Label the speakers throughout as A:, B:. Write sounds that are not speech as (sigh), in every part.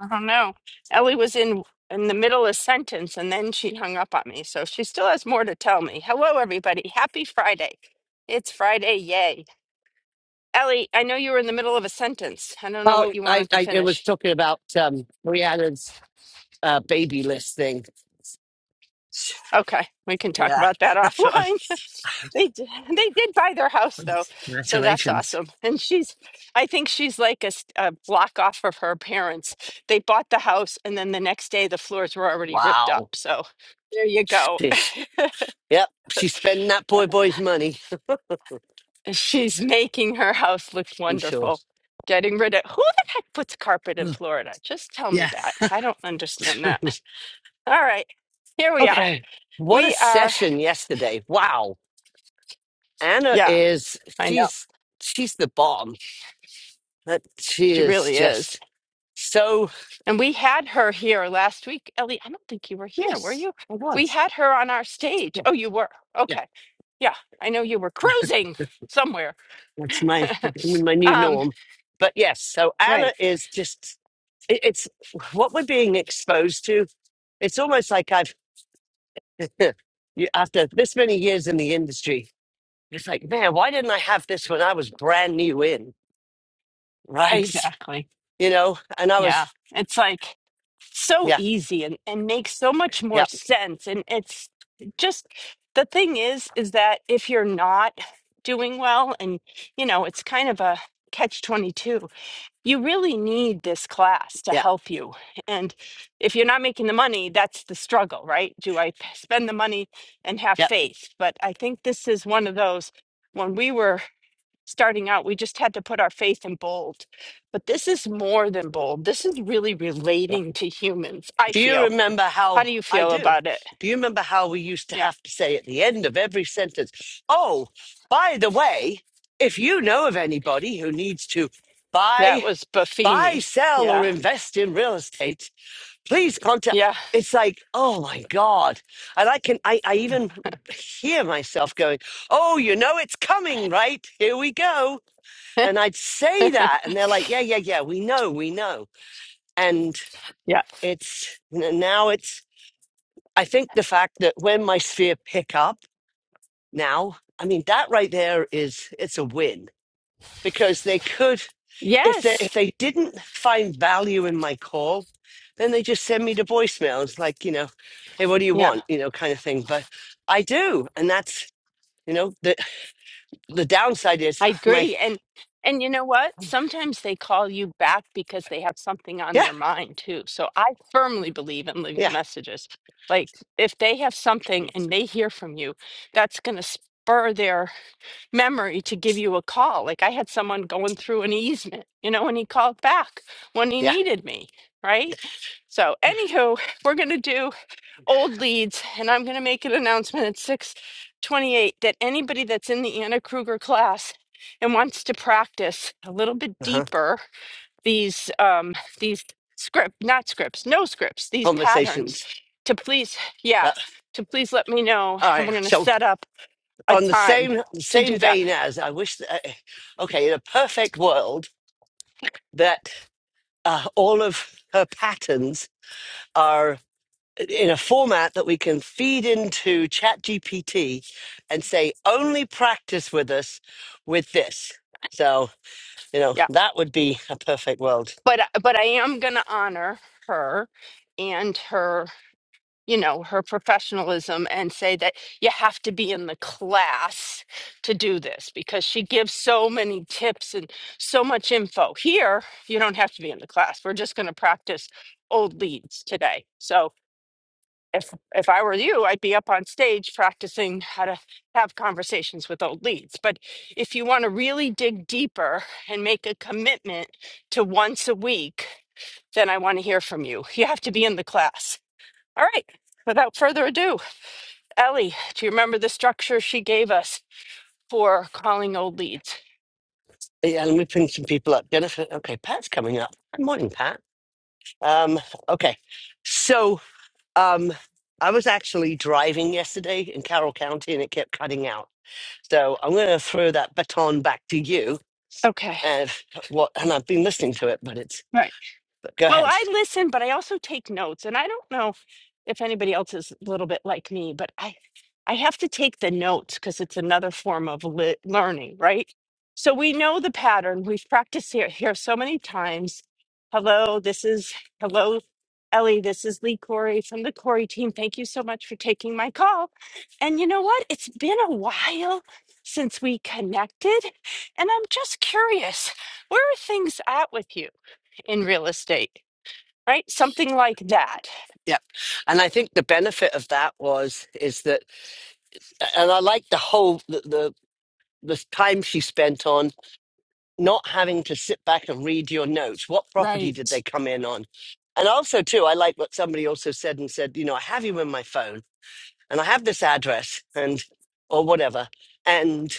A: I don't know. Ellie was in in the middle of sentence and then she hung up on me. So she still has more to tell me. Hello, everybody. Happy Friday. It's Friday. Yay. Ellie, I know you were in the middle of a sentence. I don't know what
B: Oh,
A: you
B: I,
A: wanted to
B: I it was
A: finish.
B: talking about um, Rihanna's uh, baby list thing. (laughs)
A: Okay, we can talk
B: Yeah,
A: about that (laughs)
B: that's what
A: offline. They did, they did buy their house
B: I-
A: though, so that's
B: congratulations.
A: awesome. And she's, I think she's like a, s- a block off of her parents. They bought the house, and then the next day the floors were already ripped up.
B: Wow.
A: So there you go. (laughs)
B: Fish. Yep, she's spending that boy boy's money,
A: She's making her house look
B: I'm sure.
A: wonderful. Getting rid of who the heck puts carpet in
B: Hmm.
A: Florida? Just tell me
B: Yeah.
A: that. I don't understand
B: (laughs)
A: that. All right, here we are.
B: okay. What a
A: We are,
B: session yesterday. Wow. Anna
A: yeah,
B: is
A: I know.
B: she's she's the bomb. That she
A: She
B: is
A: really is.
B: just so
A: And we had her here last week. Ellie, I don't think you were here, were
B: Yes,
A: you?
B: I
A: We
B: was.
A: had her on our stage.
B: Yeah.
A: Oh, you were. Okay.
B: yeah.
A: Yeah, I know you were cruising somewhere. (laughs)
B: That's my (laughs) my new
A: um,
B: norm. But yes, so Anna
A: right,
B: is just it, it's what we're being exposed to. It's almost like I've (laughs) you, after this many years in the industry, it's like, man, why didn't I have this when I was brand new in, right?
A: exactly.
B: You know, and I
A: Yeah.
B: was,
A: It's like so
B: yeah,
A: easy and, and makes so much more
B: yeah,
A: sense. And it's just the thing is, is that if you're not doing well, and you know, it's kind of a catch 22, you really need this class to
B: yeah,
A: help you. And if you're not making the money, that's the struggle, right? Do I p- spend the money and have
B: yeah.
A: faith? But I think this is one of those when we were starting out, we just had to put our faith in bold. But this is more than bold. This is really relating to humans, I
B: Do you
A: feel.
B: remember
A: How
B: how
A: do you
B: I
A: feel
B: do?
A: about it?
B: Do you remember how we used to
A: Yeah.
B: have to say at the end of every sentence, oh, by the way, if you know of anybody who needs to
A: That
B: buy,
A: was
B: buy,
A: Buffini.
B: sell, or
A: Yeah.
B: invest in real estate, please contact.
A: Yeah.
B: It's like, oh my God. And I can, I, I even hear myself going, oh, you know, it's coming, right? Here we go. And I'd say that. And they're like, yeah, yeah, yeah, we know, we know. And
A: Yeah.
B: it's, n- now it's, I think the fact that when my sphere pick up now, I mean that right there is it's a win because they could if they
A: Yes.
B: if they didn't find value in my call, then they just send me the voicemail. It's like you know, hey, what do you
A: Yeah.
B: want? You know, kind of thing. But I do, and that's you know the the downside is
A: I
B: my
A: agree. And and you know what? Sometimes they call you back because they have something on
B: yeah
A: their mind too. So I firmly believe in leaving
B: yeah
A: messages. Like if they have something and they hear from you, that's going to spur their memory to give you a call. Like I had someone going through an easement, you know, and he called back when he
B: yeah
A: needed me, right? So, anywho, we're going to do old leads, and I'm going to make an announcement at 628 that anybody that's in the Anna Kruger class and wants to practice a little bit
B: uh-huh.
A: deeper these um these script not scripts no scripts these patterns
B: conversations.
A: to please
B: Uh,
A: yeah to please let me know
B: all
A: and we're
B: right,
A: going to
B: so
A: set up a
B: on the
A: time
B: same
A: to do
B: same
A: that
B: vein as I wish. That, okay, in a perfect world, that uh, all of her patterns are in a format that we can feed into ChatGPT and say, only practice with us with this. So, you know, that would be a perfect world.
A: but uh, but I am going to honor her and her you know her professionalism and say that you have to be in the class to do this because she gives so many tips and so much info here you don't have to be in the class we're just going to practice old leads today so if if I were you, I'd be up on stage practicing how to have conversations with old leads. But if you want to really dig deeper and make a commitment to once a week, then I want to hear from you. You have to be in the class. All right. Without further ado, Ellie, do you remember the structure she gave us for calling old leads?
B: Yeah, let me bring some people up. Jennifer, okay, Pat's coming up. Good morning, Pat. Um, okay, so um, I was actually driving yesterday in Carroll County and it kept cutting out. So I'm going to throw that baton back to you.
A: Okay.
B: And what? And I've been listening to it, but it's
A: Right.
B: But go
A: Well,
B: ahead.
A: I listen, but I also take notes. And I don't know if if anybody else is a little bit like me, but I I have to take the notes because it's another form of li- learning, right? So we know the pattern. We've practiced here here so many times. Hello, this is hello, Ellie. This is Lee Corey from the Corey team. Thank you so much for taking my call. And you know what? It's been a while since we connected, and I'm just curious, where are things at with you in real estate? right? Something like that.
B: Yep, And I think the benefit of that was is that and I like the whole the, the the time she spent on not having to sit back and read your notes. What property did they
A: Right.
B: come in on? And also too, I like what somebody also said and said, you know, I have you in my phone and I have this address and or whatever. And,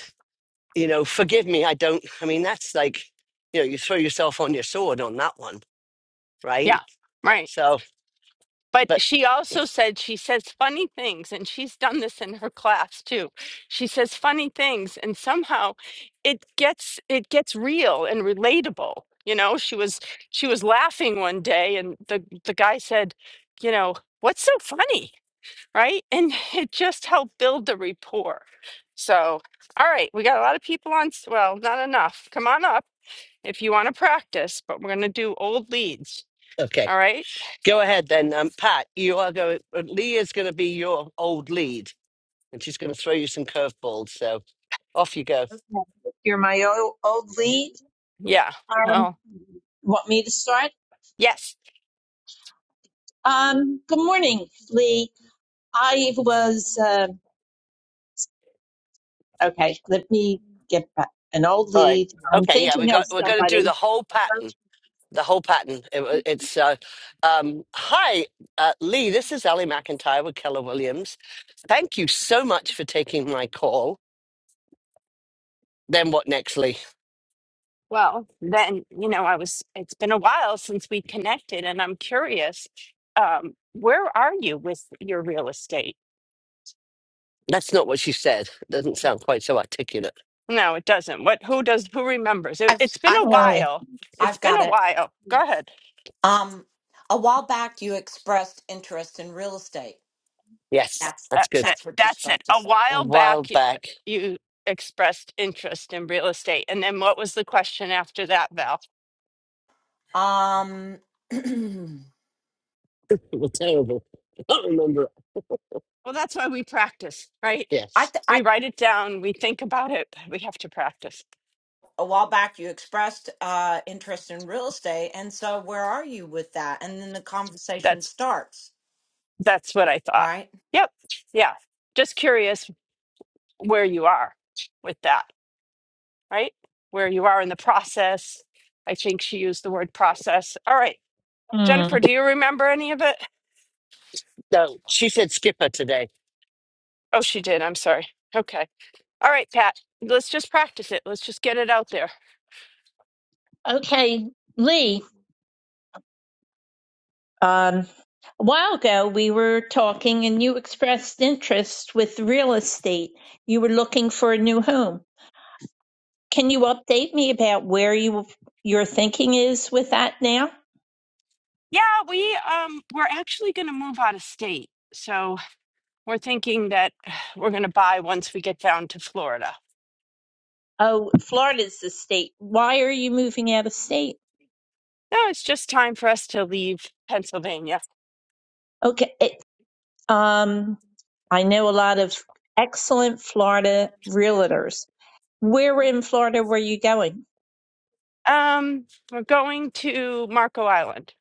B: you know, forgive me, I don't I mean that's like, you know, you throw yourself on your sword on that one, right?
A: Yeah, right.
B: So,
A: But
B: but
A: she also said she says funny things, and she's done this in her class too. She says funny things, and somehow it gets it gets real and relatable. You know, she was she was laughing one day, and the the guy said, you know, what's so funny, right? And (laughs) it just helped build the rapport. So, all right, we got a lot of people on. s- Well, not enough. Come on up. if you want to practice, but we're going to do old leads.
B: okay,
A: All right.
B: go ahead then, um, Pat. You are going. Lee is going to be your old lead, and she's going to throw you some curveballs. So off you go.
C: Okay. You're my old, old lead.
A: Yeah.
C: Um,
A: Well,
C: want me to start?
A: yes.
C: Um, good morning, Lee. I was, um okay, let me get back. An old
B: All right.
C: lead. I'm
B: Okay. Yeah, we
C: thinking of
B: got. We're going to do
C: somebody.
B: the whole pattern. The whole pattern. It wa- it's uh, um, hi, uh, Lee. This is Ellie McIntyre with Keller Williams. Thank you so much for taking my call. Then what next, Lee?
A: Well, then, you know, I was, it's been a while since we connected, and I'm curious, um, where are you with your real estate?
B: That's not what she said. Doesn't sound quite so articulate.
A: No, it doesn't. What, who does, who remembers? It,
D: I've
A: it's been a
D: I've got
C: Oh.
D: it.
A: while. It's
D: I've
A: been
D: got
A: a
D: it.
A: while. Go ahead.
D: Um, a while back you expressed interest in real estate.
B: Yes,
D: That's
B: that's
A: That's
B: good.
A: it.
D: that's what you're
A: That's it.
D: supposed to
A: A
D: say.
B: A
A: while
B: while
A: back, you,
B: back,
A: you expressed interest in real estate. And then what was the question after that, Val?
D: Um, (clears throat)
B: it was terrible. I can't remember.
A: Well, that's why we practice, right?
D: I
B: Yes.
D: th-
A: We
D: I
A: write it down, we think about it, but we have to practice.
D: a while back you expressed uh interest in real estate, and so where are you with that? And then the conversation
A: That's
D: starts,
A: that's what I thought.
D: right?
A: Yep. Yeah. Just curious where you are with that, right? Where you are in the process. I think she used the word process. All right.
C: Hmm.
A: Jennifer, do you remember any of it?
B: No, she said skipper today.
A: Oh, she did. I'm sorry. Okay. All right, Pat. Let's just practice it. Let's just get it out there.
C: Okay, Lee. Um, a while ago, we were talking and you expressed interest with real estate. You were looking for a new home. Can you update me about where you your thinking is with that now?
A: Yeah, we um we're actually going to move out of state. So We're thinking that (sighs) we're going to buy once we get down to Florida.
C: Oh, Florida's the state. Why are you moving out of state?
A: No, it's just time for us to leave Pennsylvania.
C: Okay. It, um, I know a lot of excellent Florida realtors. Where in Florida were you going?
A: Um, we're going to Marco Island.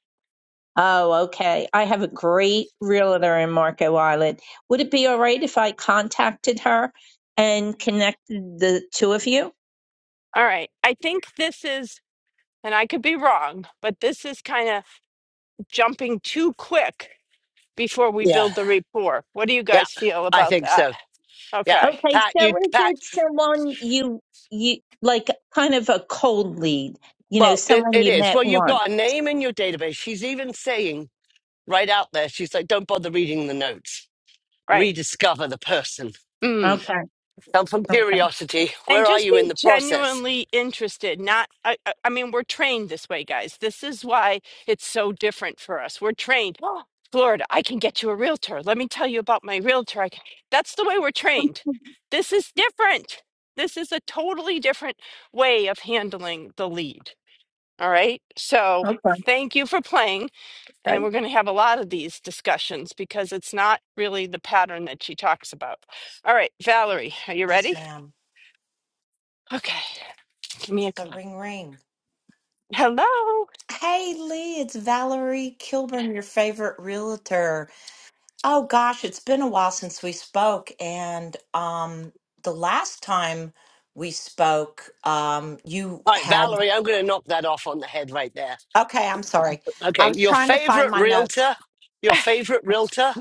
C: Oh, okay. I have a great realtor in Marco Island. Would it be all right if I contacted her and connected the two of you?
A: All right. I think this is, and I could be wrong, but this is kind of jumping too quick before we
B: Yeah.
A: build the rapport. What do you
B: Yeah,
A: guys feel
B: I
A: about
B: think
A: that?
B: so. Yeah.
A: Okay.
C: Okay,
B: Pat, you,
C: so is
B: Pat,
C: it someone you you like kind of a cold lead, you know,
B: well, it,
C: someone
B: it
C: you
B: is.
C: met
B: Well, you've
C: once?
B: got a name in your database. She's even saying right out there, she's like, don't bother reading the notes,
A: Right.
B: rediscover the person.
A: Hmm.
C: Okay,
B: i from
C: okay.
B: curiosity.
A: And
B: Where are
A: just
B: you
A: be
B: in the process?
A: genuinely interested. Not, I, I I mean, we're trained this way, guys. This is why it's so different for us. We're trained. Oh, Florida, I can get you a realtor. Let me tell you about my realtor. I can, that's the way we're trained. This is different. This is a totally different way of handling the lead. All right. So
C: (laughs)
A: thank you for playing.
C: I
A: And we're going to have a lot of these discussions because it's not really the pattern that she talks about. All right, Valerie, are you
D: Yes,
A: ready?
D: ma'am.
A: Okay. Give me a
D: So ring ring.
A: Hello.
D: Hey Lee, it's Valerie Kilburn, your favorite realtor. Oh gosh, it's been a while since we spoke, and um, the last time we spoke, um, you
B: All right,
D: had.
B: Valerie, I'm going to knock that off on the head right there.
D: Okay, I'm sorry. I
B: Okay,
D: was
B: your
D: trying to find
B: favorite
D: my notes.
B: realtor,
A: (laughs)
B: your favorite realtor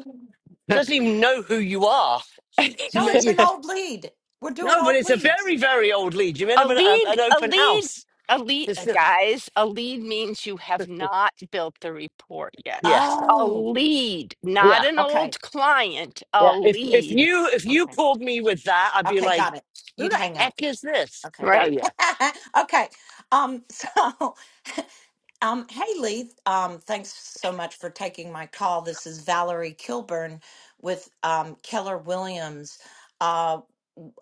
B: she doesn't even know who you are. She
D: No,
B: met
D: it's
B: you.
D: an old lead. We're doing
B: No, but
D: old
B: it's a
D: leads.
B: very, very old lead. You met
A: a
B: him at a,
A: lead,
B: an
A: a
B: open
A: lead,
B: house.
A: a lead,
B: It's
A: uh,
B: not,
A: guys, a lead means you have not built the report yet.
B: yes,
A: A
D: Oh,
A: lead, not
B: yeah,
A: an
D: okay,
A: old client,
B: yeah.
A: a
B: If if
A: lead.
B: you if you
D: okay,
B: called me with that, I'd be
D: okay,
B: like,
D: got it.
B: who
D: You'd
B: the
D: hang up.
B: heck is this?
D: Okay,
B: Oh
A: Right.
B: yeah.
D: (laughs) okay. Um, so (laughs) Um, hey, Lee. Um, thanks so much for taking my call. This is Valerie Kilburn with um, Keller Williams. Uh,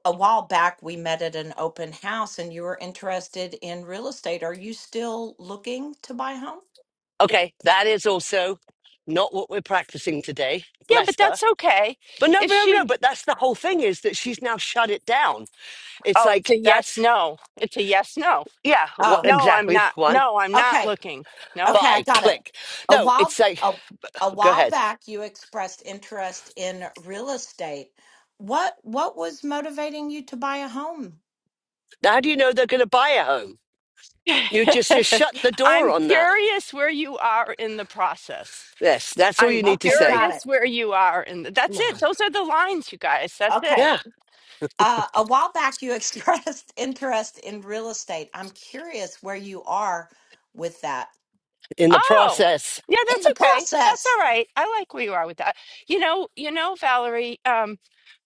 D: a while back, we met at an open house, and you were interested in real estate. Are you still looking to buy a home?
B: Okay, that is also not what we're practicing today.
A: Yeah,
B: Bless
A: but
B: her.
A: that's okay.
B: But no,
A: If
B: but no, no.
A: she,
B: But that's the whole thing is that she's now shut it down. It's
A: oh, it's a
B: like
A: yes,
B: that's
A: no. It's a yes, no.
B: yeah, what
D: Oh,
A: No, I'm
B: exactly
A: not.
B: one
A: No, I'm not
D: okay.
A: looking. No.
D: Okay, I
B: buy
D: got it.
B: click.
D: A
B: No,
D: while
B: it's like
D: a, a
B: go
D: while
B: ahead.
D: back, you expressed interest in real estate. What what was motivating you to buy a home?
B: Now, how do you know they're going to buy a home?
A: (laughs)
B: You just you're shutting the door
A: I'm
B: on that.
A: curious where you are in the process.
B: Yes, that's all you
A: I'm
B: need to
D: Okay,
B: say.
D: got
A: curious
D: it.
A: where you are. And
B: Come
A: that's
B: on.
A: it. Those are the lines, you guys. That's it.
D: Okay.
B: Yeah,
D: Uh, a while back, you (laughs) expressed interest in real estate. I'm curious where you are with that
B: in the
A: Oh,
B: process,
A: yeah,
D: in
A: that's
D: the
A: okay. That's all
D: process.
A: right. I like where you are with that. You know, you know, Valerie, um,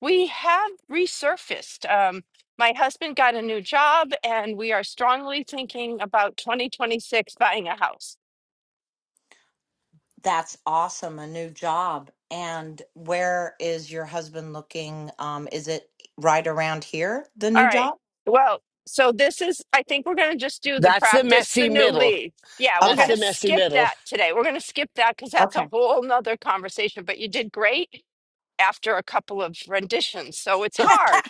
A: we have resurfaced. Um, my husband got a new job, and we are strongly thinking about 2026 buying a house.
D: That's awesome, a new job. And where is your husband looking? Um, is it right around here, the
A: All
D: new
A: right.
D: job?
A: Well, so this is, I think we're going to just do the
B: that's the
A: practice, the
B: messy
A: new
B: middle.
A: league. Yeah, we're
B: That's
A: going
D: Okay,
B: the
A: to
B: messy
A: skip
B: middle.
A: that today. We're going to skip that because that's a
D: okay. (laughs)
A: whole nother conversation. But you did great after a couple of renditions. So it's
B: (laughs)
A: hard.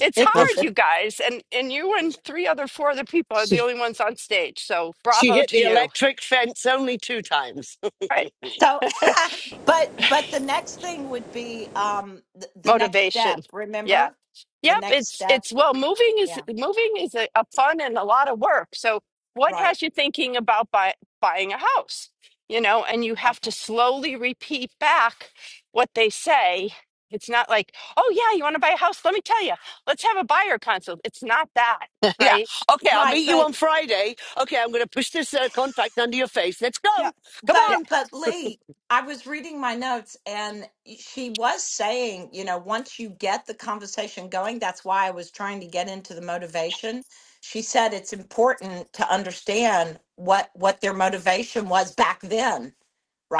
A: It's
D: It, It's
B: Of-
A: hard, you
D: a-
A: guys. And and you and three other four other people are the
B: she
A: only ones on stage. So
B: she
A: bravo
B: hit
A: to
B: the
A: you.
B: electric fence only two times.
A: Right.
B: (laughs)
D: so,
A: (laughs)
D: (laughs) but but the next thing would be um th- the next step.
A: motivation yeah
D: Remember the
A: yep
D: next
A: it's
D: step?
A: it's well moving is
D: Yeah.
A: moving is a, a fun and a lot of work so what
D: Right.
A: has you thinking about buy, buying a house you know and you have to
D: Okay.
A: slowly repeat back what they say it's not like oh yeah you want to buy a house let me tell you let's have a buyer consult it's not that
B: (laughs) yeah.
A: right
B: Okay, I'll
D: Right,
B: meet you
D: but
B: on Friday. Okay, I'm going to push this uh, contract under your face. Let's
A: yeah
B: go. Come
A: yeah
D: But
B: on. (laughs)
D: but Lee, I was reading my notes and she was saying, you know, once you get the conversation going, that's why I was trying to get into the motivation. She said it's important to understand what what their motivation was back then,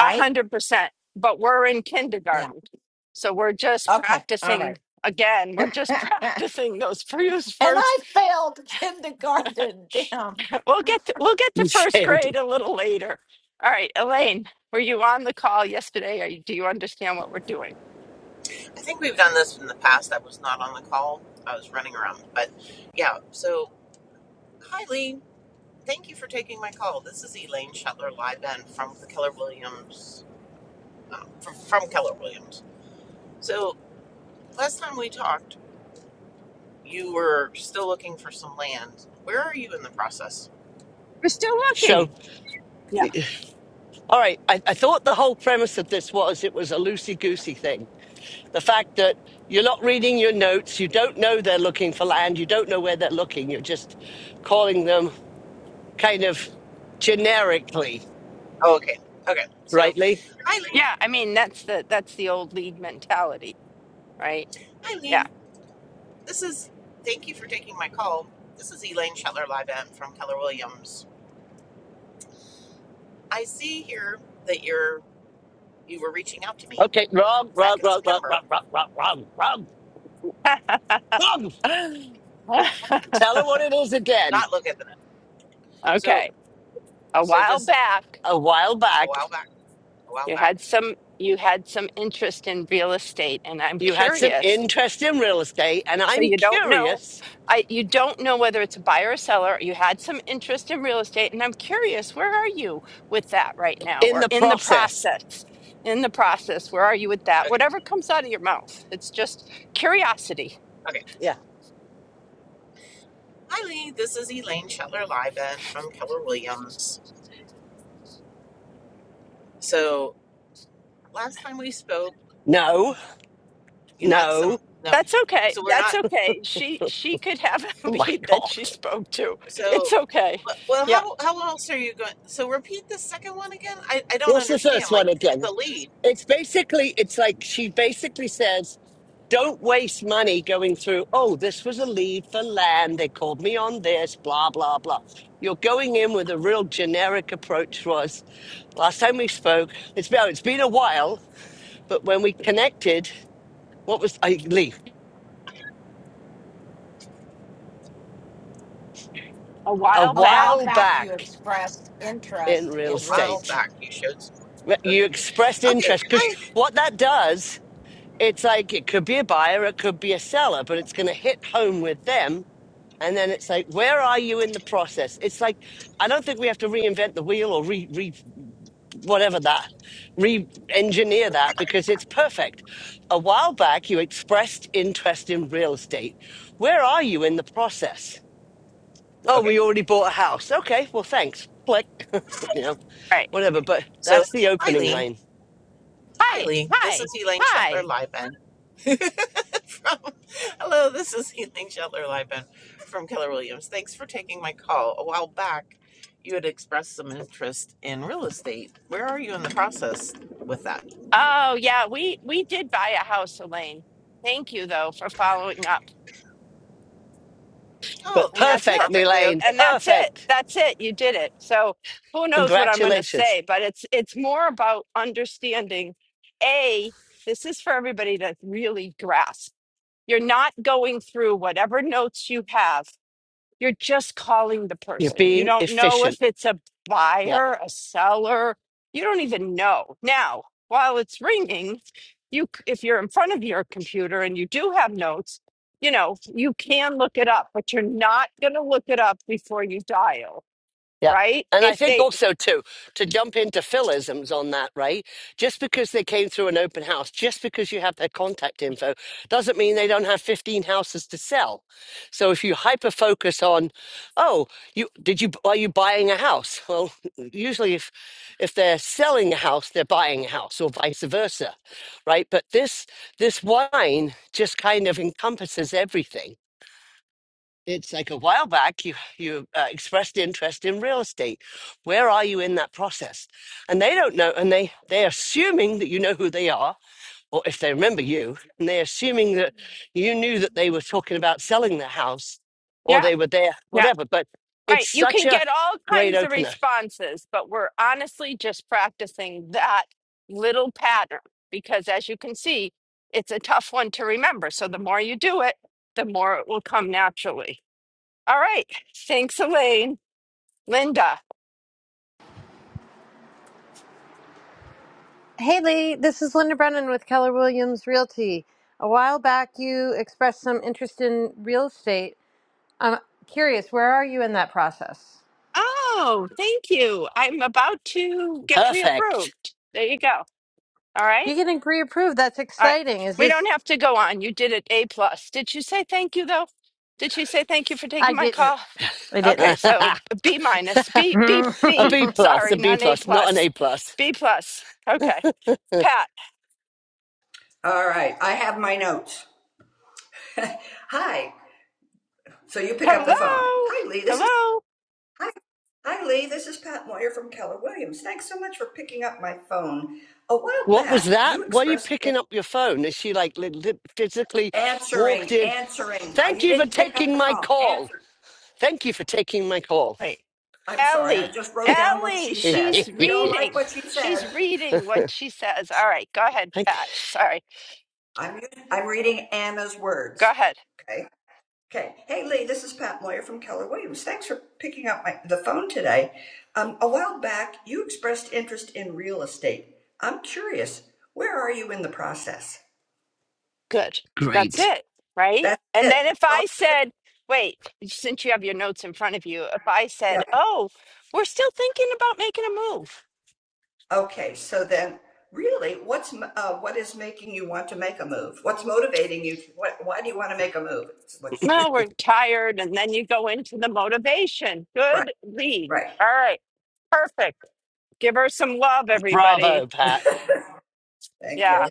A: a hundred percent but we're in
D: Yeah.
A: kindergarten so we're just
D: Okay. All
A: practicing
D: right.
A: again we're
D: (laughs)
A: just (laughs)
D: and
A: practicing those first
D: I failed (laughs) kindergarten. Damn.
A: We'll get to, we'll get to
B: You
A: first
B: failed.
A: grade a little later. All right, Elaine, were you on the call yesterday? Are you- do you understand what we're doing?
E: I think we've done this in the past. I was not on the call. I was running around. But yeah, so hi Lee. Thank you for taking my call. This is Elaine Shetler Lieben from the Keller Williams uh, from, from Keller Williams. So last time we talked, you were still looking for some land. Where are you in the process?
A: We're still
B: So,
A: looking. Yeah.
B: all right. I, I thought the whole premise of this was it was a loosey goosey thing. The fact that you're not reading your notes, you don't know they're looking for land, you don't know where they're looking. You're just calling them kind of generically,
E: Oh, okay. Okay. So
B: right, Lee?
E: hi Lee.
A: Yeah, I mean that's the that's the old lead mentality, right?
E: Hi
A: Yeah.
E: Lee. This is thank you for taking my call. This is Elaine Shetler Lieben from Keller Williams. I see here that you're you were reaching out to me
B: Okay, wrong, wrong,
E: back in
B: wrong, wrong,
E: September.
B: wrong, wrong, wrong, wrong, wrong,
A: (laughs)
B: wrong. Tell her what it is again.
E: Not look at the so
A: okay. A
E: so
A: while
E: just
A: back,
B: A while
E: a
B: back,
E: while back, a while
A: you
E: back.
A: had some you had some interest in real estate, and I'm
B: you had some
A: curious
B: interest in real estate, and
A: So
B: I'm
A: you don't know.
B: curious
A: I you don't know whether it's a buyer or seller. You had some interest in real estate, and I'm curious, where are you with that right now,
B: in
A: or
B: the
A: in the
B: process.
A: process? In the process, where are you with that?
E: Okay,
A: Whatever comes out of your mouth, it's just curiosity.
E: okay.
B: Yeah.
E: Hi Lee, this is Elaine Shetler Liven from Keller Williams. So last time we spoke,
B: No,
E: you had some
B: no.
E: no.
A: That's okay.
E: So we're
A: That's
E: not
A: okay. She she could have (laughs) a
B: Oh my
A: lead that she
B: God.
A: spoke to. It's
E: so.
A: okay.
E: Well,
A: Yeah,
E: how how else are you going? So repeat the second one again. I I don't
B: What's the first
E: understand.
B: one
E: Like it's
B: again?
E: a lead.
B: It's basically, it's like she basically says, Don't waste money going through, oh, this was a lead for land. They called me on this, blah, blah, blah. You're going in with a real generic approach was last time we spoke, it's been, it's been a while, but when we connected, what was I Lee,
A: a
B: a
A: while
D: A
A: back.
D: while
B: while
D: back you
B: back
D: expressed
B: in
D: interest
B: real
E: A
D: in real
E: while
B: estate.
D: estate.
E: back, you showed. some-
B: wh- You
E: Okay,
B: expressed
E: okay.
B: interest because
E: Hi.
B: what that does, it's like it could be a buyer, it could be a seller, but it's going to hit home with them And then it's like, where are you in the process? It's like, I don't think we have to reinvent the wheel or re, re whatever that, re engineer that because it's perfect. A while back, you expressed interest in real estate. Where are you in the process? Oh,
E: Okay.
B: we already bought a house. Okay, well, thanks. Click you know,
A: Right.
B: whatever. But
E: So
B: that's the
E: hi
B: opening
E: Lee,
B: lane.
E: hi
A: Hi.
E: Lee. This is
A: Hi.
E: Elaine Shetler
A: Hi.
E: Liven (laughs) from hello this is healing shelter live from keller williams thanks for taking my call a while back you had expressed some interest in real estate where are you in the process with that
A: Oh yeah, we we did buy a house, Elaine. Thank you though for following up.
E: oh
B: But
A: and
E: that's
A: that's
B: perfect,
A: it
E: perfectly
B: Elaine.
E: okay
A: and that's it
B: Perfect.
A: that's it you did it so who knows what i'm going to
B: Congratulations.
A: say but it's it's more about understanding a this is for everybody to really grasp you're not going through whatever notes you have you're just calling the
B: You're
A: person. You
B: being
A: don't know if
B: efficient.
A: it's a
B: Yeah.
A: buyer, a seller. You don't even know. Now, while it's ringing, you c- if you're in front of your computer and you do have notes, you know, you can look it up, but you're not going to look it up before you dial,
B: Yep.
A: right?
B: And I
A: If
B: think
A: they
B: also too, to jump into philisms on that, right? Just because they came through an open house, just because you have their contact info, doesn't mean they don't have 15 houses to sell. So if you hyper focus on, oh, you did you are you buying a house? Well, (laughs) usually if if they're selling a house, they're buying a house or vice versa. Right. But this this wine just kind of encompasses everything it's like a while back you you uh, expressed interest in real estate where are you in that process and they don't know and they they're assuming that you know who they are or if they remember you and they're assuming that you knew that they were talking about selling their house or
A: Yeah.
B: they were there
A: yeah.
B: whatever but it's
A: Right. You
B: such
A: can
B: a
A: get all
B: great
A: kinds of
B: opener
A: responses, but we're honestly just practicing that little pattern because, as you can see, it's a tough one to remember. So the more you do it, the more it will come naturally. All right. Thanks, Elaine. Linda.
F: Hey Lee, this is Linda Brennan with Keller Williams Realty. A while back, you expressed some interest in real estate. I'm curious, where are you in that process?
A: Oh, thank you. I'm about to get pre
B: perfect
A: approved. There you go. All right.
F: You're getting pre-approved. That's
A: All right.
F: exciting. Is
A: We don't
F: this?
A: have to go on. You did it A plus. Did you say thank you though? Did she say thank you for
F: I
A: taking my
F: didn't.
A: call?
F: I
B: (laughs)
A: Okay,
F: didn't.
B: a
A: so B minus, B, B,
F: (laughs)
A: B.
B: b plus a
A: Sorry,
B: b
A: not A
B: plus not an
A: plus.
B: a plus
A: B plus. Okay. Pat.
G: All right, I have my notes. (laughs) Hi. So you pick up the phone.
A: Hello.
G: Hi, Lee. This is
A: Hello.
G: Hi. Hi, Lee. This is Pat Moyer from Keller Williams. Thanks so much for picking up my phone. A while
B: what was
G: back,
B: that?
G: you
B: Why are you
G: expressed
B: picking up your phone? Is she like li- li- physically walked
G: answering,
B: in?
G: answering. Uh,
B: Thank
G: You
B: you for
G: didn't pick up
B: taking
G: the
B: my
G: call.
B: call.
G: Answer.
B: Thank you for taking my call.
A: Right.
G: I'm sorry. I
A: Ellie.
G: just wrote down what
A: Ellie.
G: she
B: (laughs)
G: said.
A: She's
B: Thank-
G: If you don't like
A: reading.
G: what she
A: She's
G: said,
A: reading what she says. All right. Go ahead, Pat. Sorry.
G: I'm using, I'm reading Anna's
A: Go
G: words.
A: ahead.
G: Okay. Okay. Hey, Lee, this is Pat Moyer from Keller Williams. Thanks for picking up my, the phone today. Um, a while back, you expressed interest in real estate. I'm curious, where are you in the process?
A: Good. That's
B: Great.
A: it, right?
G: That's
A: And
G: it.
A: then if
G: That's all.
A: I said, wait, since you have your notes in front of you, if I said,
G: Yeah.
A: oh, we're still thinking about making a move.
G: Okay. So then, really, what's m- uh, what is making you want to make a move? What's motivating you? To, what, why do you want to make a move? It's What you,
A: No, we're tired. And then you go into the motivation.
G: right.
A: Good lead.
G: Right.
A: All right. Perfect. Give her some love,
B: Bravo,
A: everybody.
B: Pat.
G: Thank you.
A: Yeah.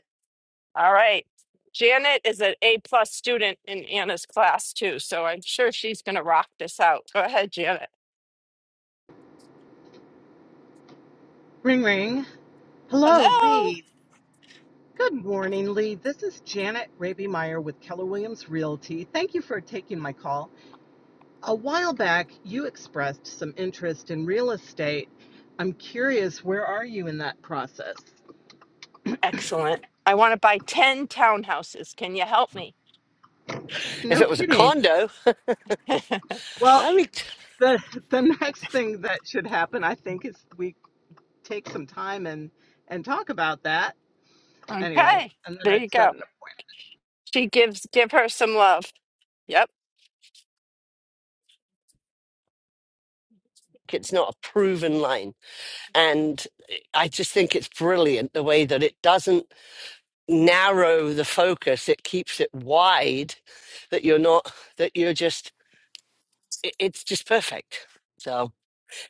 A: All right. Janet is an A plus student in Anna's class too, so I'm sure she's going to rock this out. Go ahead, Janet.
H: Ring ring. Hello,
A: Hello.
H: Lee. Good morning, Lee. This is Janet Raby Meyer with Keller Williams Realty. Thank you for taking my call. A while back, you expressed some interest in real estate. I'm curious, where are you in that process?
A: Excellent. I want to buy 10 townhouses. Can you help me?
B: If
H: No
B: it was a
H: kidding.
B: condo,
A: (laughs)
H: Well,
B: I would.
H: the the next thing that should happen, I think, is we take some time and and talk about that. Anyway,
A: Okay.
H: and then I
A: There you
H: would set
A: go.
H: it up.
A: She gives give her some love. Yep.
B: It's not a proven line. And I just think it's brilliant the way that it doesn't narrow the focus it keeps it wide that you're not that you're just it, it's just perfect so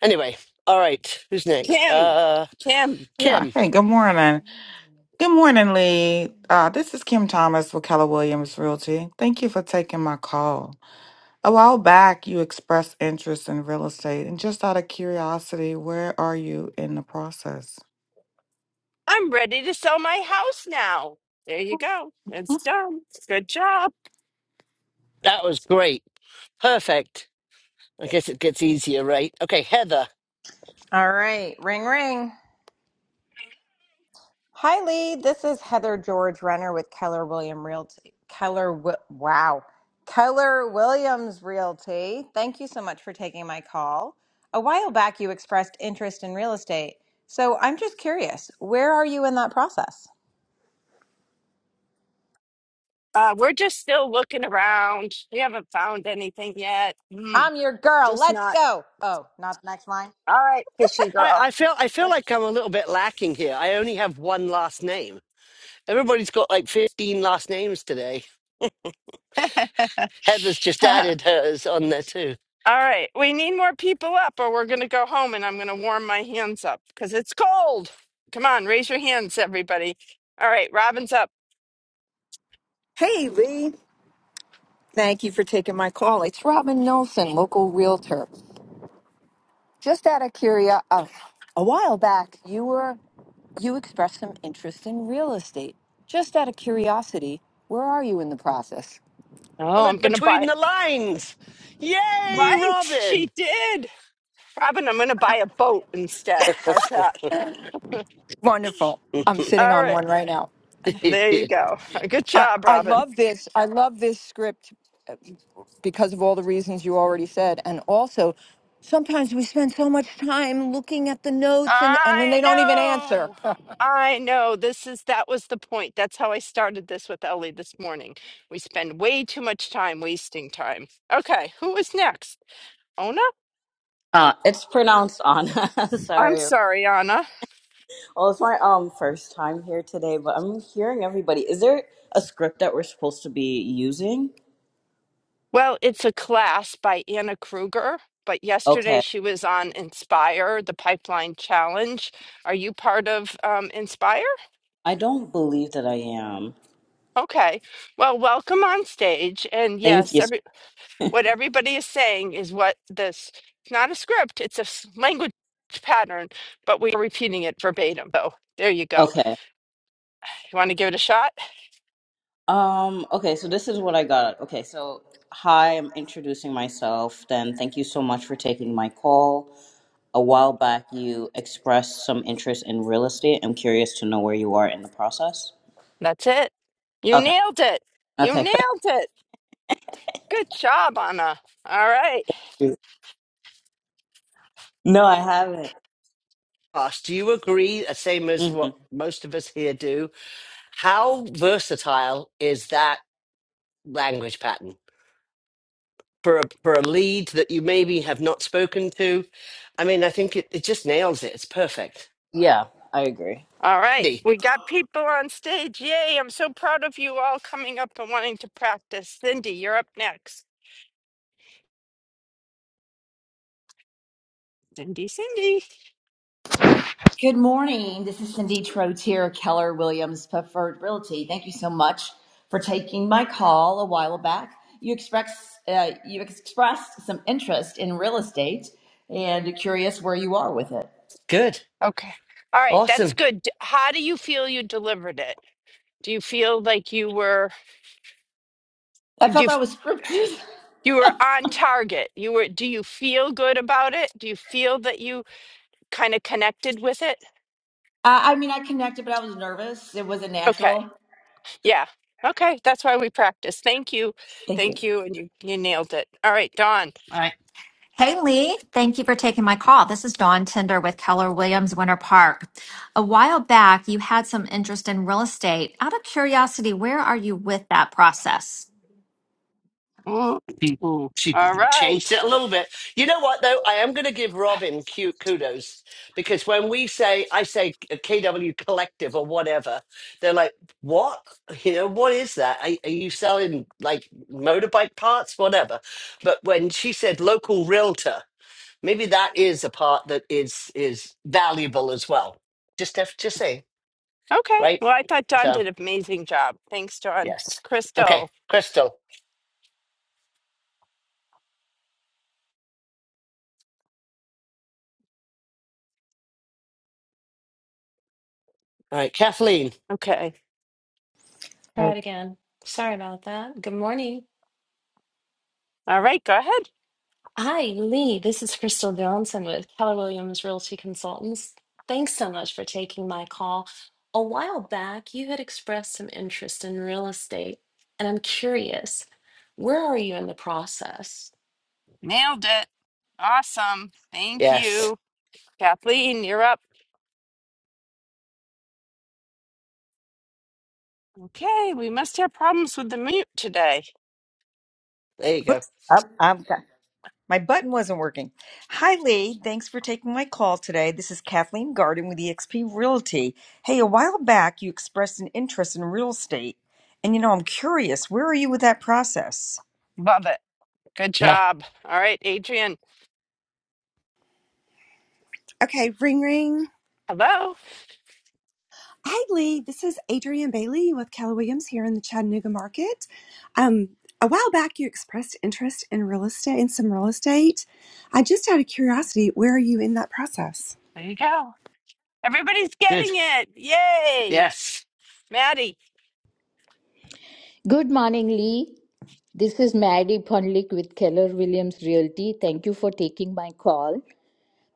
B: anyway all right who's next
A: Kim.
B: uh
A: Kim.
I: Yeah.
B: kim
I: Hey, good morning. Good morning, Lee. Uh, this is Kim Thomas with Keller Williams Realty. Thank you for taking my call. A while back, you expressed interest in real estate, and just out of curiosity, where are you in the process?
A: I'm ready to sell my house now. There you go. It's done. Good job.
B: that was great perfect i guess it gets easier right okay heather
J: All right, ring ring. Hi Lee, this is Heather George Renner with Keller William Realty. Keller, Wi- wow, Keller Williams Realty. Thank you so much for taking my call. A while back, you expressed interest in real estate, so I'm just curious, where are you in that process?
A: Uh, we're just still looking around. We haven't found anything yet. Hmm.
J: I'm your girl.
A: just
J: Let's
A: not.
J: go. Oh, not the next line.
A: All right, fishing
B: i
A: girl.
B: i feel i feel like i'm a little bit lacking here i only have one last name everybody's got like 15 last names today heather's just
A: (laughs)
B: added hers on there too
A: All right, we need more people up, or we're going to go home and I'm going to warm my hands up because it's cold. Come on, raise your hands, everybody. All right, Robin's up.
K: Hey, Lee. Thank you for taking my call. It's Robin Nelson, local realtor. Just out of curiosity, a while back, you were you expressed some interest in real estate. Just out of curiosity, where are you in the process?
A: Oh, I'm
B: Solid
A: going to
B: between
A: buy.
B: the lines. Yay,
A: Right,
B: Robin!
A: she did. Robin, I'm going to buy a boat instead. How's that?
K: Wonderful.
B: (laughs)
K: I'm sitting
A: All
K: on one
A: right,
K: right now.
A: there you go. Good
K: I,
A: job,
K: I
A: Robin.
K: love this. I love this script because of all the reasons you already said. And also, sometimes we spend so much time looking at the notes and, and then
A: I
K: they don't even answer.
A: know. I know. This is that was the point. That's how I started this with Ellie this morning. We spend way too much time wasting time. Okay, who is next? Ona?
L: Uh, it's pronounced Anna. (laughs)
A: I'm
L: Sorry.
A: sorry, Anna.
L: Well, it's my um first time here today, but I'm hearing everybody. Is there a script that we're supposed to be using?
A: Well, it's a class by Anna Kruger, but yesterday
L: Okay.
A: she was on Inspire, the Pipeline Challenge. Are you part of um, Inspire?
L: I don't believe that I am.
A: Okay. Well, welcome on stage. And
L: Thank
A: yes,
L: you. so-
A: every, what everybody is saying is what this, it's not a script, it's a s- language pattern, but we are repeating it verbatim. So there you go.
L: Okay.
A: You want to give it a shot?
L: Um okay, so this is what I got. Okay, so hi, I'm introducing myself. Then thank you so much for taking my call. A while back you expressed some interest in real estate. I'm curious to know where you are in the process.
A: That's it. You
L: Okay.
A: nailed it. You
L: Okay.
A: nailed it. Good job, Anna. All right.
L: (laughs) No, I haven't.
B: Gosh, do you agree, uh, same as
L: Mm-hmm.
B: what most of us here do? How versatile is that language pattern for a, for a lead that you maybe have not spoken to? I mean, I think it, it just nails it. It's perfect.
L: Yeah, I agree.
A: All right,
B: Andy,
A: we got people on stage. Yay, I'm so proud of you all coming up and wanting to practice. Cindy, you're up next. Cindy, Cindy.
M: Good morning. This is Cindy Trotier, Keller Williams Preferred Realty. Thank you so much for taking my call a while back. You express, uh, you expressed some interest in real estate and curious where you are with it.
B: good,
A: Okay. All right, that's
B: awesome.
A: good. D- How do you feel you delivered it? Do you feel like you were
M: I
A: you
M: felt that
A: f-
M: was scripted.
A: you were on target? You were do you feel good about it? Do you feel that you kind of connected with it?
M: (laughs) I, I mean, I connected, but I was nervous. It wasn't
A: Okay.
M: natural.
A: Yeah. Okay, that's why we practice. Thank you.
M: Thank you.
A: Thank you and you you nailed it. All right, Dawn.
B: I
N: Hey Lee, thank you for taking my call. This is Dawn Tinder with Keller Williams Winter Park. A while back, you had some interest in real estate. Out of curiosity, where are you with that process?
A: Mm,
B: she,
A: mm.
B: she
A: All
B: changed
A: right.
B: it a little bit. You know what though? I am going to give Robin cute kudos because when we say I say KW Collective or whatever, they're like, "What? You know, what is that? Are, are you selling like motorbike parts, whatever?" But when she said local realtor, maybe that is a part that is is valuable as well. Just have to say,
A: Okay.
B: right?
A: Well, I thought Don
B: So
A: did an amazing job. Thanks, Don.
B: yes, okay,
A: Crystal.
B: Crystal. All right, Kathleen.
A: Okay.
O: Try
P: Right.
O: it again. Sorry about that. Good morning.
A: All right. Go ahead.
O: Hi, Lee. This is Crystal Johnson with Keller Williams Realty Consultants. Thanks so much for taking my call. A while back, you had expressed some interest in real estate, and I'm curious, where are you in the process?
A: Nailed it. Awesome. Thank
B: Yes,
A: you. Kathleen, you're up. Okay. We must have problems with the mute today.
B: there you
P: Whoops.
B: go.
P: Up. I'm got, my button wasn't working. Hi, Lee. Thanks for taking my call today. This is Kathleen Garden with eXp Realty. Hey, a while back you expressed an interest in real estate, and you know I'm curious. Where are you with that process?
A: Love it. Good job. All right, Adrian.
Q: Okay, ring ring.
A: Hello.
Q: Hi Lee, this is Adrienne Bailey with Keller Williams here in the Chattanooga market. Um, a while back you expressed interest in real estate in some real estate. I just out of curiosity, where are you in that process?
A: There you go. Everybody's
B: Good.
A: getting it. Yay.
B: Yes.
A: Maddie.
R: Good morning, Lee. This is Mary Ponlik with Keller Williams Realty. Thank you for taking my call.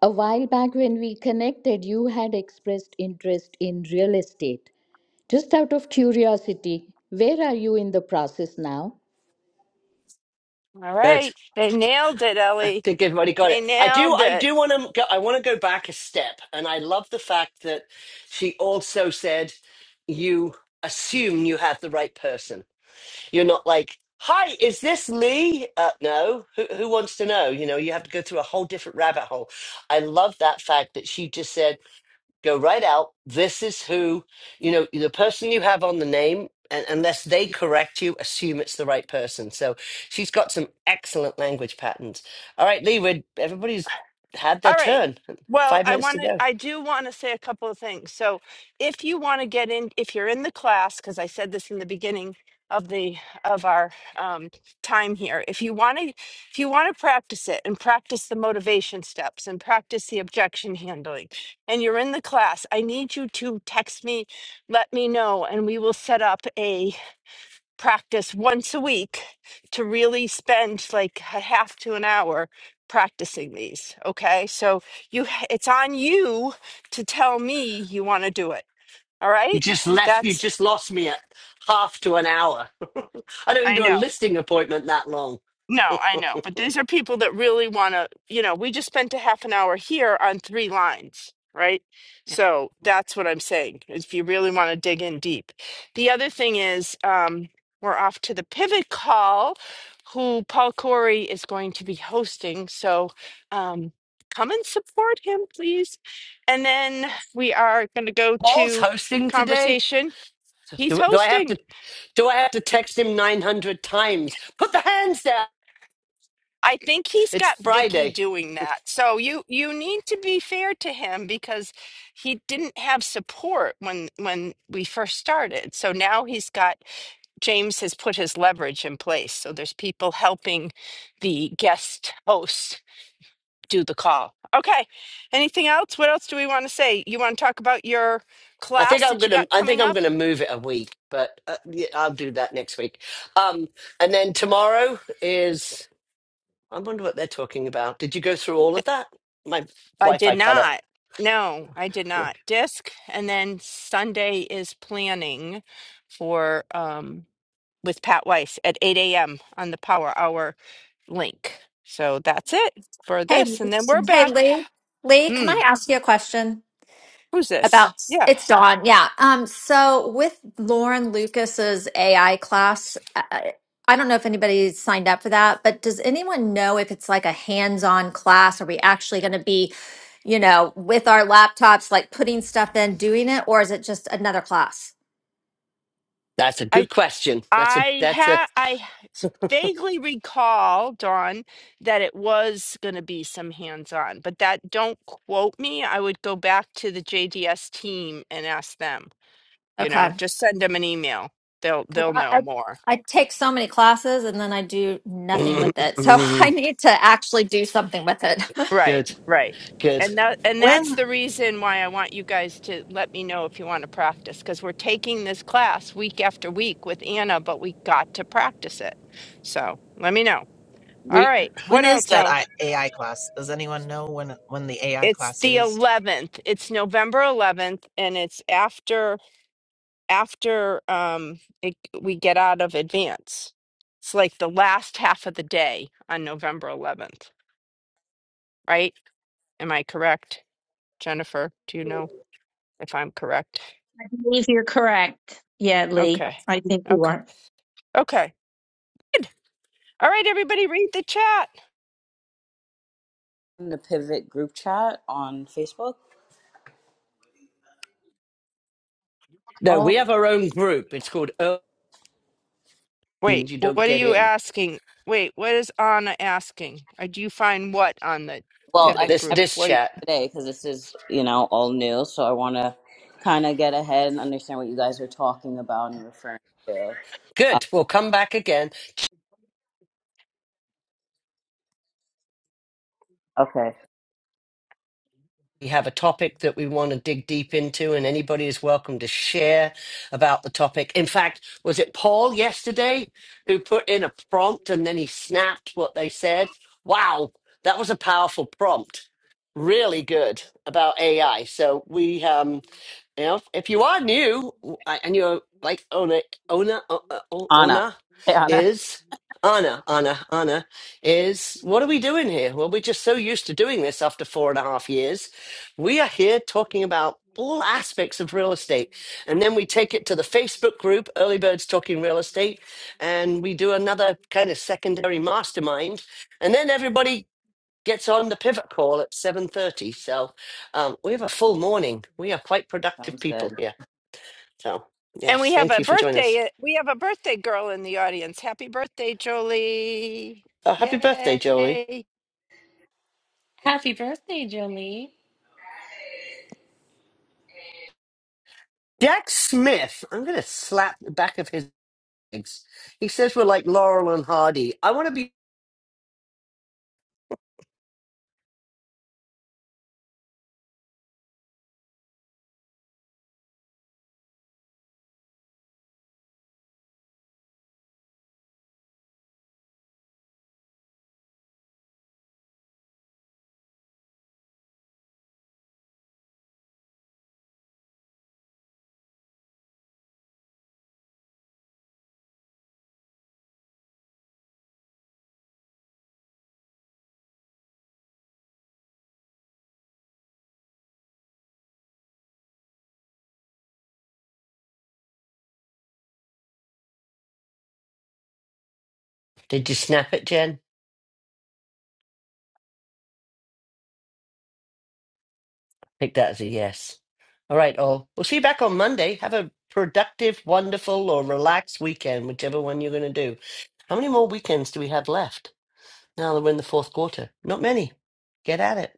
R: A while back, when we connected, you had expressed interest in real estate. Just out of curiosity, where are you in the process now?
A: All
B: Good.
A: right. They nailed it,
B: (laughs) I
A: Ellie.
B: think everybody got it.
A: They
B: I do.
A: nailed
B: I
A: it.
B: do want to. Go, I want to go back a step, and I love the fact that she also said, "You assume you have the right person. You're not like." Hi, is this Lee? Uh, no. Who, who wants to know? You know, you have to go through a whole different rabbit hole. I love that fact that she just said. go right out. This is who, you know, the person you have on the name, and unless they correct you, assume it's the right person. So she's got some excellent language patterns. All right, Lee, we're, everybody's had their
A: All right.
B: turn.
A: Well,
B: Five
A: I
B: minutes to
A: want to,
B: go.
A: I do want to say a couple of things. So, if you want to get in, if you're in the class, because I said this in the beginning of the of our um, time here, if you want to, if you want to practice it and practice the motivation steps and practice the objection handling, and you're in the class, I need you to text me, let me know, and we will set up a practice once a week to really spend like a half to an hour practicing these okay so you it's on you to tell me you want to do it all
B: You
A: right
B: just left, you
A: that's
B: just lost me at half to an hour. (laughs) I don't even
A: that's—I
B: do a
A: know.
B: listing appointment that long.
A: No, I know, but these are people that really want to, you know, we just spent a half an hour here on three lines, right? So that's what I'm saying, if you really want to dig in deep. The other thing is, um, we're off to the pivot call, who Paul Corey is going to be hosting. So um, come and support him, please. And then we are going to go
B: Paul's
A: to
B: hosting today.
A: conversation. He's
B: Do, do I have to?
A: hosting.
B: Do I have to text him nine hundred times? Put the hands down.
A: I think he's
B: It's
A: got Vicky
B: Friday.
A: doing that. So you you need to be fair to him because he didn't have support when when we first started. So now he's got James has put his leverage in place. So there's people helping the guest host do the call. Okay. Anything else? What else do we want to say? You want to talk about your
B: I think
A: class
B: I'm
A: that you
B: gonna.
A: got
B: I think
A: coming
B: I'm
A: up?
B: gonna move it a week, but uh, yeah, I'll do that next week. Um, and then tomorrow is. I wonder what they're talking about. Did you go through all of that? My
A: I did
B: Wi-Fi cut up.
A: not. No, I did
B: Huh.
A: not. Disc, and then Sunday is planning for um with Pat Weiss at 8 a.m. on the Power Hour link. So that's it for
N: Hey,
A: this, and then we're
N: hey,
A: back.
N: Lee. Lee, can
A: Hmm,
N: I ask you a question
A: who's this?
N: about
A: Yeah,
N: it's Dawn? Yeah. Um. So with Lauren Lucas's AI class, I, I don't know if anybody signed up for that, but does anyone know if it's like a hands-on class? Are we actually going to be, you know, with our laptops, like putting stuff in, doing it, or is it just another class?
B: (laughs) That's a
A: I
B: good question. That's a.
A: I
B: That's a.
A: had I vaguely recall Dawn that it was going to be some hands-on, but that don't quote me. I would go back to the JDS team and ask them. you know
N: Okay.
A: just send them an email they'll
N: Because
A: they'll
N: I,
A: know
N: I
A: more
N: I take so many classes and then I do nothing with it, so (laughs) I
B: (laughs)
N: need to actually do something with it. (laughs)
B: (clears throat)
A: right
B: good.
A: right
B: Good.
A: and that and that's
E: when
A: the reason why i want you guys to let me know if you want to practice because we're taking this class week after week with anna but we got to practice it so let me know all
B: We
A: right
E: when
A: what
E: is
A: else
E: that
A: oh
E: I, ai class does anyone know when when the ai
A: it's
E: class
A: the
E: is
A: 11th it's november 11th and it's after after um it, we get out of advance it's like the last half of the day on november 11th right Am I correct, Jennifer? Do you know if I'm correct?
C: believe you're correct. Yeah, Lee.
A: Okay.
C: I think you
A: Okay.
C: are.
A: Okay. Good. All right, everybody, read the chat.
L: In the Pivot group chat on Facebook.
B: no. We
L: Oh.
B: have our own group. It's called. Oh,
A: Wait,
B: and you don't
A: what are
B: get
A: you
B: in
A: asking? Wait, what is Anna asking? Uh, Do you find what on the
L: Well, I mean,
A: pivot
B: this
L: every
A: group?
B: this
A: What? do you-
B: chat.
L: today because this is, you know, all new. So I want to kind of get ahead and understand what you guys are talking about and referring to. Uh,
B: Good. We'll come back again.
L: okay.
B: We have a topic that we want to dig deep into, and anybody is welcome to share about the topic. In fact, was it Paul yesterday who put in a prompt and then he snapped what they said? Wow, that was a powerful prompt. Really good about AI. So we um, you know, if you are new w- I- and you're like Ona, Ona, O- O-
L: Anna.
B: Ona
L: Hey, Anna.
B: is Anna, Anna, Anna is. What are we doing here? Well, we're just so used to doing this after four and a half years we are here talking about all aspects of real estate. And then we take it to the Facebook group, Early Birds Talking Real Estate, and we do another kind of secondary mastermind. And then everybody gets on the pivot call at 7.30. So um, we have a full morning. We are quite productive
L: Sounds
B: people
L: good.
B: here. So
A: And
B: yes,
A: we have
B: thank
A: a
B: you for joining us.
A: birthday. We have a birthday girl in the audience. Happy birthday, Jolie!
B: Oh, happy birthday, Jolie.
A: Yay!
O: Happy birthday, Jolie.
B: Jack Smith, I'm going to slap the back of his legs. He says we're like Laurel and Hardy. I want to be... Did you snap it, Jen? Take that as a yes. All right, all. We'll see you back on Monday. Have a productive, wonderful, or relaxed weekend, whichever one you're going to do. How many more weekends do we have left now that we're in the fourth quarter? Not many. Get at it.